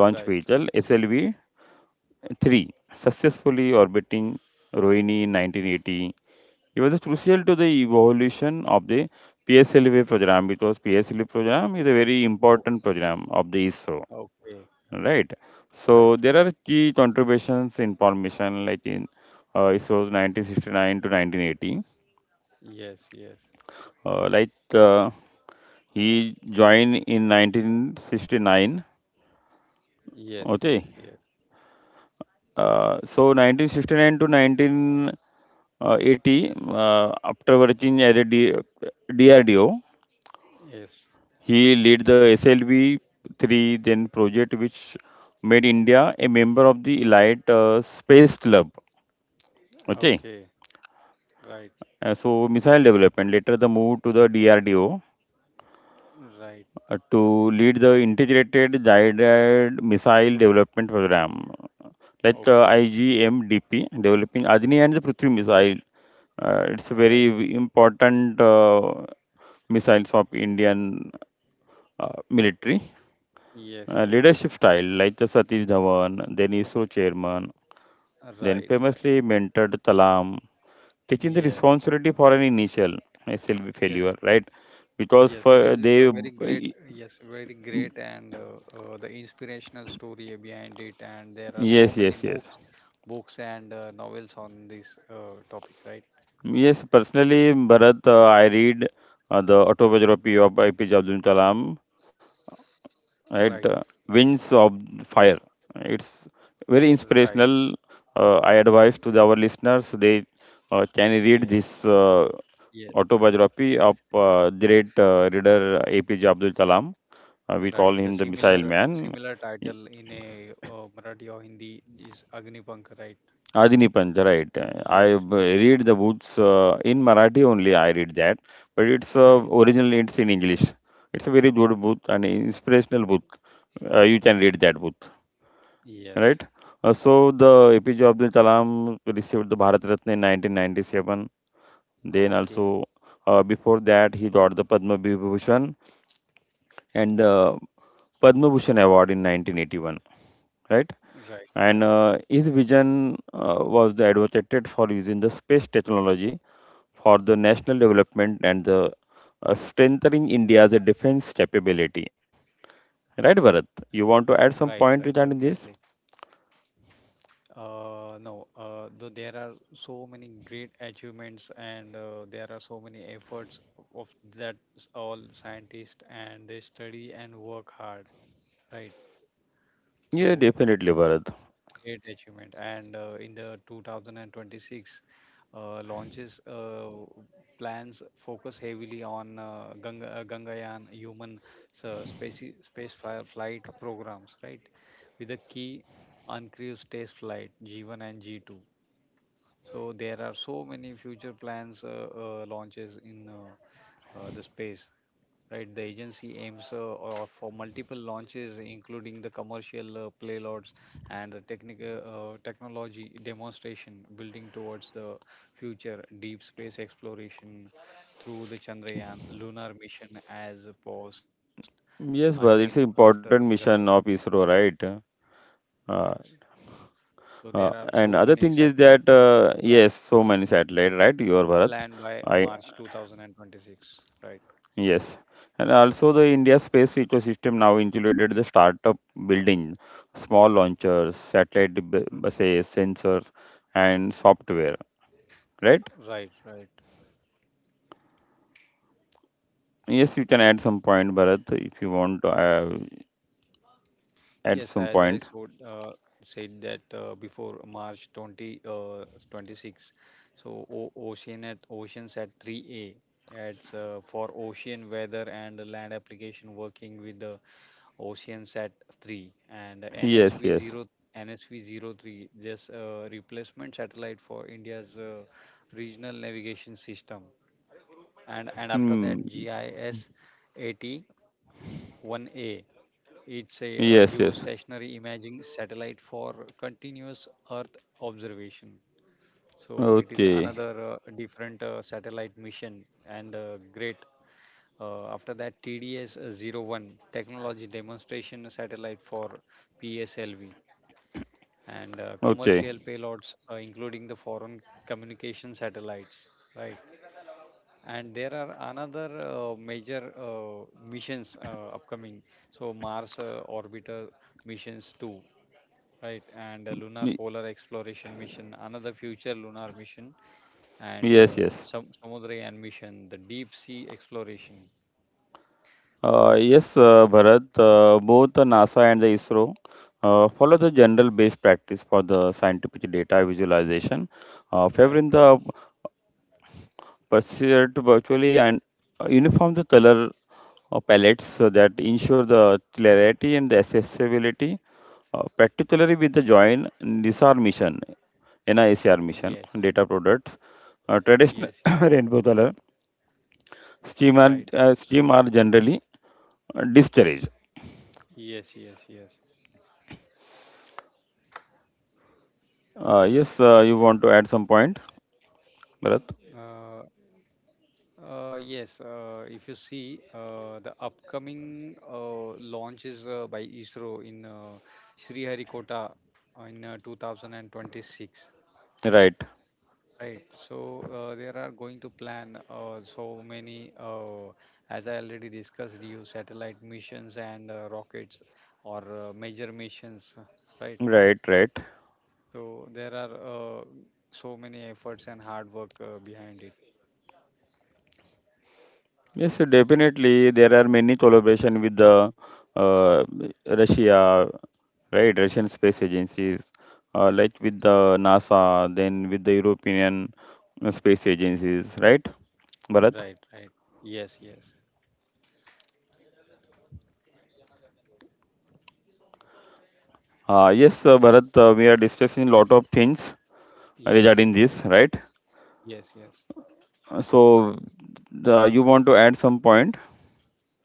[SPEAKER 1] launch
[SPEAKER 2] right.
[SPEAKER 1] vehicle S L V three, successfully orbiting Rohini in nineteen eighty. It was crucial to the evolution of the P S L V program because P S L V program is a very
[SPEAKER 2] Oh,
[SPEAKER 1] important program of the ISRO,
[SPEAKER 2] okay,
[SPEAKER 1] right?
[SPEAKER 2] right,
[SPEAKER 1] So
[SPEAKER 2] right.
[SPEAKER 1] there are key contributions in formation like in uh, ISRO's nineteen sixty-nine to nineteen eighty.
[SPEAKER 2] Yes, yes,
[SPEAKER 1] Uh, like uh, he joined in nineteen sixty-nine.
[SPEAKER 2] yes, yes,
[SPEAKER 1] Okay.
[SPEAKER 2] yes,
[SPEAKER 1] Uh, so nineteen sixty-nine to nineteen eighty, uh, after working at a D- DRDO.
[SPEAKER 2] yes.
[SPEAKER 1] He led the S L V three then project which made India a member of the Elite uh, Space Club. Okay.
[SPEAKER 2] Okay, right,
[SPEAKER 1] Uh, so missile development. Later the move to the D R D O
[SPEAKER 2] right,
[SPEAKER 1] uh, to lead the integrated guided missile development program. Like uh,
[SPEAKER 2] okay,
[SPEAKER 1] I G M D P developing Agni and the Prithvi missile. Uh, it's a
[SPEAKER 2] right.
[SPEAKER 1] very important uh, missiles of Indian uh, military.
[SPEAKER 2] Yes,
[SPEAKER 1] Uh,
[SPEAKER 2] yes,
[SPEAKER 1] leadership style like the Satish Dhawan, then ISRO chairman, then
[SPEAKER 2] right, right.
[SPEAKER 1] famously mentored Talam, taking the
[SPEAKER 2] Yes,
[SPEAKER 1] responsibility for an initial S L V failure,
[SPEAKER 2] yes,
[SPEAKER 1] right? Because
[SPEAKER 2] yes. It
[SPEAKER 1] for
[SPEAKER 2] is
[SPEAKER 1] they,
[SPEAKER 2] a very great, yes, very great, and uh, uh, the inspirational story behind it. And there are so
[SPEAKER 1] yes,
[SPEAKER 2] many
[SPEAKER 1] yes, yes,
[SPEAKER 2] books, books and uh, novels on this uh, topic, right?
[SPEAKER 1] yes. Personally, Bharat, uh, I read uh, the autobiography of I P J Abdul Kalam,
[SPEAKER 2] Right,
[SPEAKER 1] right? Uh, Wings of Fire. It's very
[SPEAKER 2] right.
[SPEAKER 1] inspirational. Uh, I advise to the, our listeners they uh, can read
[SPEAKER 2] Yes,
[SPEAKER 1] this uh,
[SPEAKER 2] yes,
[SPEAKER 1] autobiography of uh, the great uh, reader A P J Abdul Kalam. Uh, we call
[SPEAKER 2] right. The
[SPEAKER 1] him the Missile
[SPEAKER 2] similar
[SPEAKER 1] Man.
[SPEAKER 2] similar title in a uh, Marathi or Hindi is Agnipank, right?
[SPEAKER 1] Adini Panja, right.
[SPEAKER 2] Yes,
[SPEAKER 1] I b-
[SPEAKER 2] definitely.
[SPEAKER 1] read the books uh, in Marathi only. I read that, but it's uh,
[SPEAKER 2] Right.
[SPEAKER 1] originally it's in English. It's a very good book and inspirational book. Uh, you can read that book, right?
[SPEAKER 2] Yes.
[SPEAKER 1] Uh, so the A P J Abdul Kalam received the Bharat Ratna in nineteen ninety-seven. Then
[SPEAKER 2] Okay.
[SPEAKER 1] also uh, before that he got the Padma Vibhushan and the Padma Bhushan Award in nineteen eighty-one, right?
[SPEAKER 2] Right,
[SPEAKER 1] And
[SPEAKER 2] right.
[SPEAKER 1] uh, his vision uh, was the advocated for using the space technology for the national development and the uh, strengthening India's defense capability. Right, Bharat? You want
[SPEAKER 2] Right,
[SPEAKER 1] to add
[SPEAKER 2] right,
[SPEAKER 1] some point
[SPEAKER 2] definitely.
[SPEAKER 1] regarding this?
[SPEAKER 2] Uh, no, uh, though there are so many great achievements and uh, there are so many efforts of that s- all scientists, and they study and work hard, right?
[SPEAKER 1] Yeah,
[SPEAKER 2] So
[SPEAKER 1] definitely, Bharat.
[SPEAKER 2] great achievement. And uh, in the two thousand twenty-six uh, launches, uh, plans focus heavily on uh, Ganga, uh, Gangayaan human uh, space, space fi- flight programs, right? With the key uncruised test flight G one and G two. So there are so many future plans uh, uh, launches in uh, uh, the space, right? The agency aims uh, or for multiple launches, including the commercial uh, payloads and the technical uh, uh, technology demonstration, building towards the future deep space exploration through the Chandrayaan lunar mission as opposed until
[SPEAKER 1] Yes, but it's
[SPEAKER 2] after
[SPEAKER 1] an
[SPEAKER 2] Gangan.
[SPEAKER 1] important mission of ISRO, right? Uh,
[SPEAKER 2] Yes. So
[SPEAKER 1] uh,
[SPEAKER 2] there are
[SPEAKER 1] and
[SPEAKER 2] so
[SPEAKER 1] other
[SPEAKER 2] many
[SPEAKER 1] thing is
[SPEAKER 2] satellite
[SPEAKER 1] that
[SPEAKER 2] missions
[SPEAKER 1] uh,
[SPEAKER 2] planned
[SPEAKER 1] yes, so many satellite, right? Your Bharat,
[SPEAKER 2] planned by
[SPEAKER 1] I
[SPEAKER 2] March two thousand twenty-six, right?
[SPEAKER 1] yes, and also the India space ecosystem now included the startup building, small launchers, satellite b-
[SPEAKER 2] R-
[SPEAKER 1] buses, sensors, and software, right?
[SPEAKER 2] Right, right.
[SPEAKER 1] Yes, you can add some point, Bharat, if you want to uh, add
[SPEAKER 2] Yes,
[SPEAKER 1] some
[SPEAKER 2] as I
[SPEAKER 1] point.
[SPEAKER 2] so, uh, said that uh, before March twenty, uh, twenty-six, so o ocean at oceans at three A. It's uh, for ocean weather and land application working with the oceans at three and
[SPEAKER 1] Yes,
[SPEAKER 2] N S V
[SPEAKER 1] yes.
[SPEAKER 2] zero N S V zero three. Just uh, replacement satellite for India's uh, regional navigation system, and and after
[SPEAKER 1] Hmm.
[SPEAKER 2] that G I S eighty-one A, it's a, a
[SPEAKER 1] Yes, yes.
[SPEAKER 2] geostationary imaging satellite for continuous Earth observation. So it is
[SPEAKER 1] Okay,
[SPEAKER 2] another uh, different uh, satellite mission and uh, great. Uh, after that, T D S zero one technology demonstration satellite for P S L V and uh,
[SPEAKER 1] okay.
[SPEAKER 2] commercial payloads, uh, including the foreign communication satellites. Right, and there are another uh, major uh, missions uh, upcoming, so Mars uh, orbiter missions too, right, and a lunar polar exploration mission, another future lunar mission, and
[SPEAKER 1] Yes,
[SPEAKER 2] uh,
[SPEAKER 1] yes.
[SPEAKER 2] some samudrayan mission, the deep sea exploration,
[SPEAKER 1] Uh, yes, uh, Bharat, uh, both the NASA and the ISRO uh, follow the general best practice for the scientific data visualization, uh, favoring
[SPEAKER 2] right, right.
[SPEAKER 1] the pursuit virtually and uh, uniform the color uh, palettes so that ensure the clarity and the accessibility, uh, particularly with the joint N I S R mission, N I S R mission,
[SPEAKER 2] Yes,
[SPEAKER 1] data products. Uh,
[SPEAKER 2] yes,
[SPEAKER 1] traditional
[SPEAKER 2] yes,
[SPEAKER 1] <coughs> rainbow color scheme are,
[SPEAKER 2] right.
[SPEAKER 1] uh, scheme are generally uh, discouraged.
[SPEAKER 2] Yes, yes, yes.
[SPEAKER 1] Uh, yes, uh, you want to add some point, Bharat?
[SPEAKER 2] uh, Uh, yes, uh, if you see uh, the upcoming uh, launch is uh, by ISRO in uh, Sriharikota in uh, twenty twenty-six,
[SPEAKER 1] Right,
[SPEAKER 2] right? So uh, there are going to plan uh, so many, uh, as I already discussed, you satellite missions and uh, rockets or uh, major missions, right?
[SPEAKER 1] right, right.
[SPEAKER 2] So there are uh, so many efforts and hard work uh, behind it.
[SPEAKER 1] Yes, definitely there are many collaboration with the uh, Russia, right? Russian space agencies, uh, like with the NASA, then with the European uh, space agencies, right, Bharat?
[SPEAKER 2] Right, right. Yes, yes,
[SPEAKER 1] Uh, yes, uh, Bharat, uh, we are discussing lot of things
[SPEAKER 2] yes,
[SPEAKER 1] regarding this, right?
[SPEAKER 2] yes, yes.
[SPEAKER 1] Uh, So, the, you want to add some point?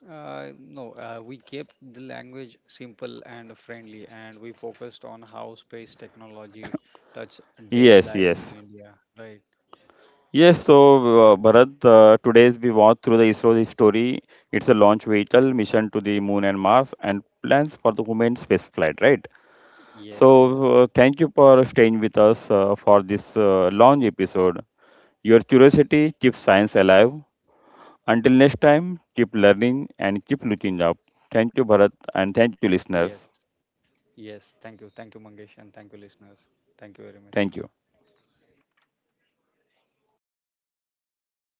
[SPEAKER 2] Uh, no, uh, we kept the language simple and friendly, and we focused on how space technology touch daily
[SPEAKER 1] Yes,
[SPEAKER 2] life in
[SPEAKER 1] yes.
[SPEAKER 2] India. Right?
[SPEAKER 1] Yes, so uh, Bharat, uh, today's we walk through the ISRO's story. It's a launch vehicle mission to the moon and Mars and plans for the human space flight, right?
[SPEAKER 2] Yes, yes,
[SPEAKER 1] So uh, thank you for staying with us uh, for this uh, launch episode. Your curiosity keeps science alive. Until next time, keep learning and keep looking up. Thank you, Bharat, and thank you,
[SPEAKER 2] yes,
[SPEAKER 1] listeners.
[SPEAKER 2] yes. Thank you, thank you, Mangesh, and thank you, listeners. Thank you very much.
[SPEAKER 1] Thank you.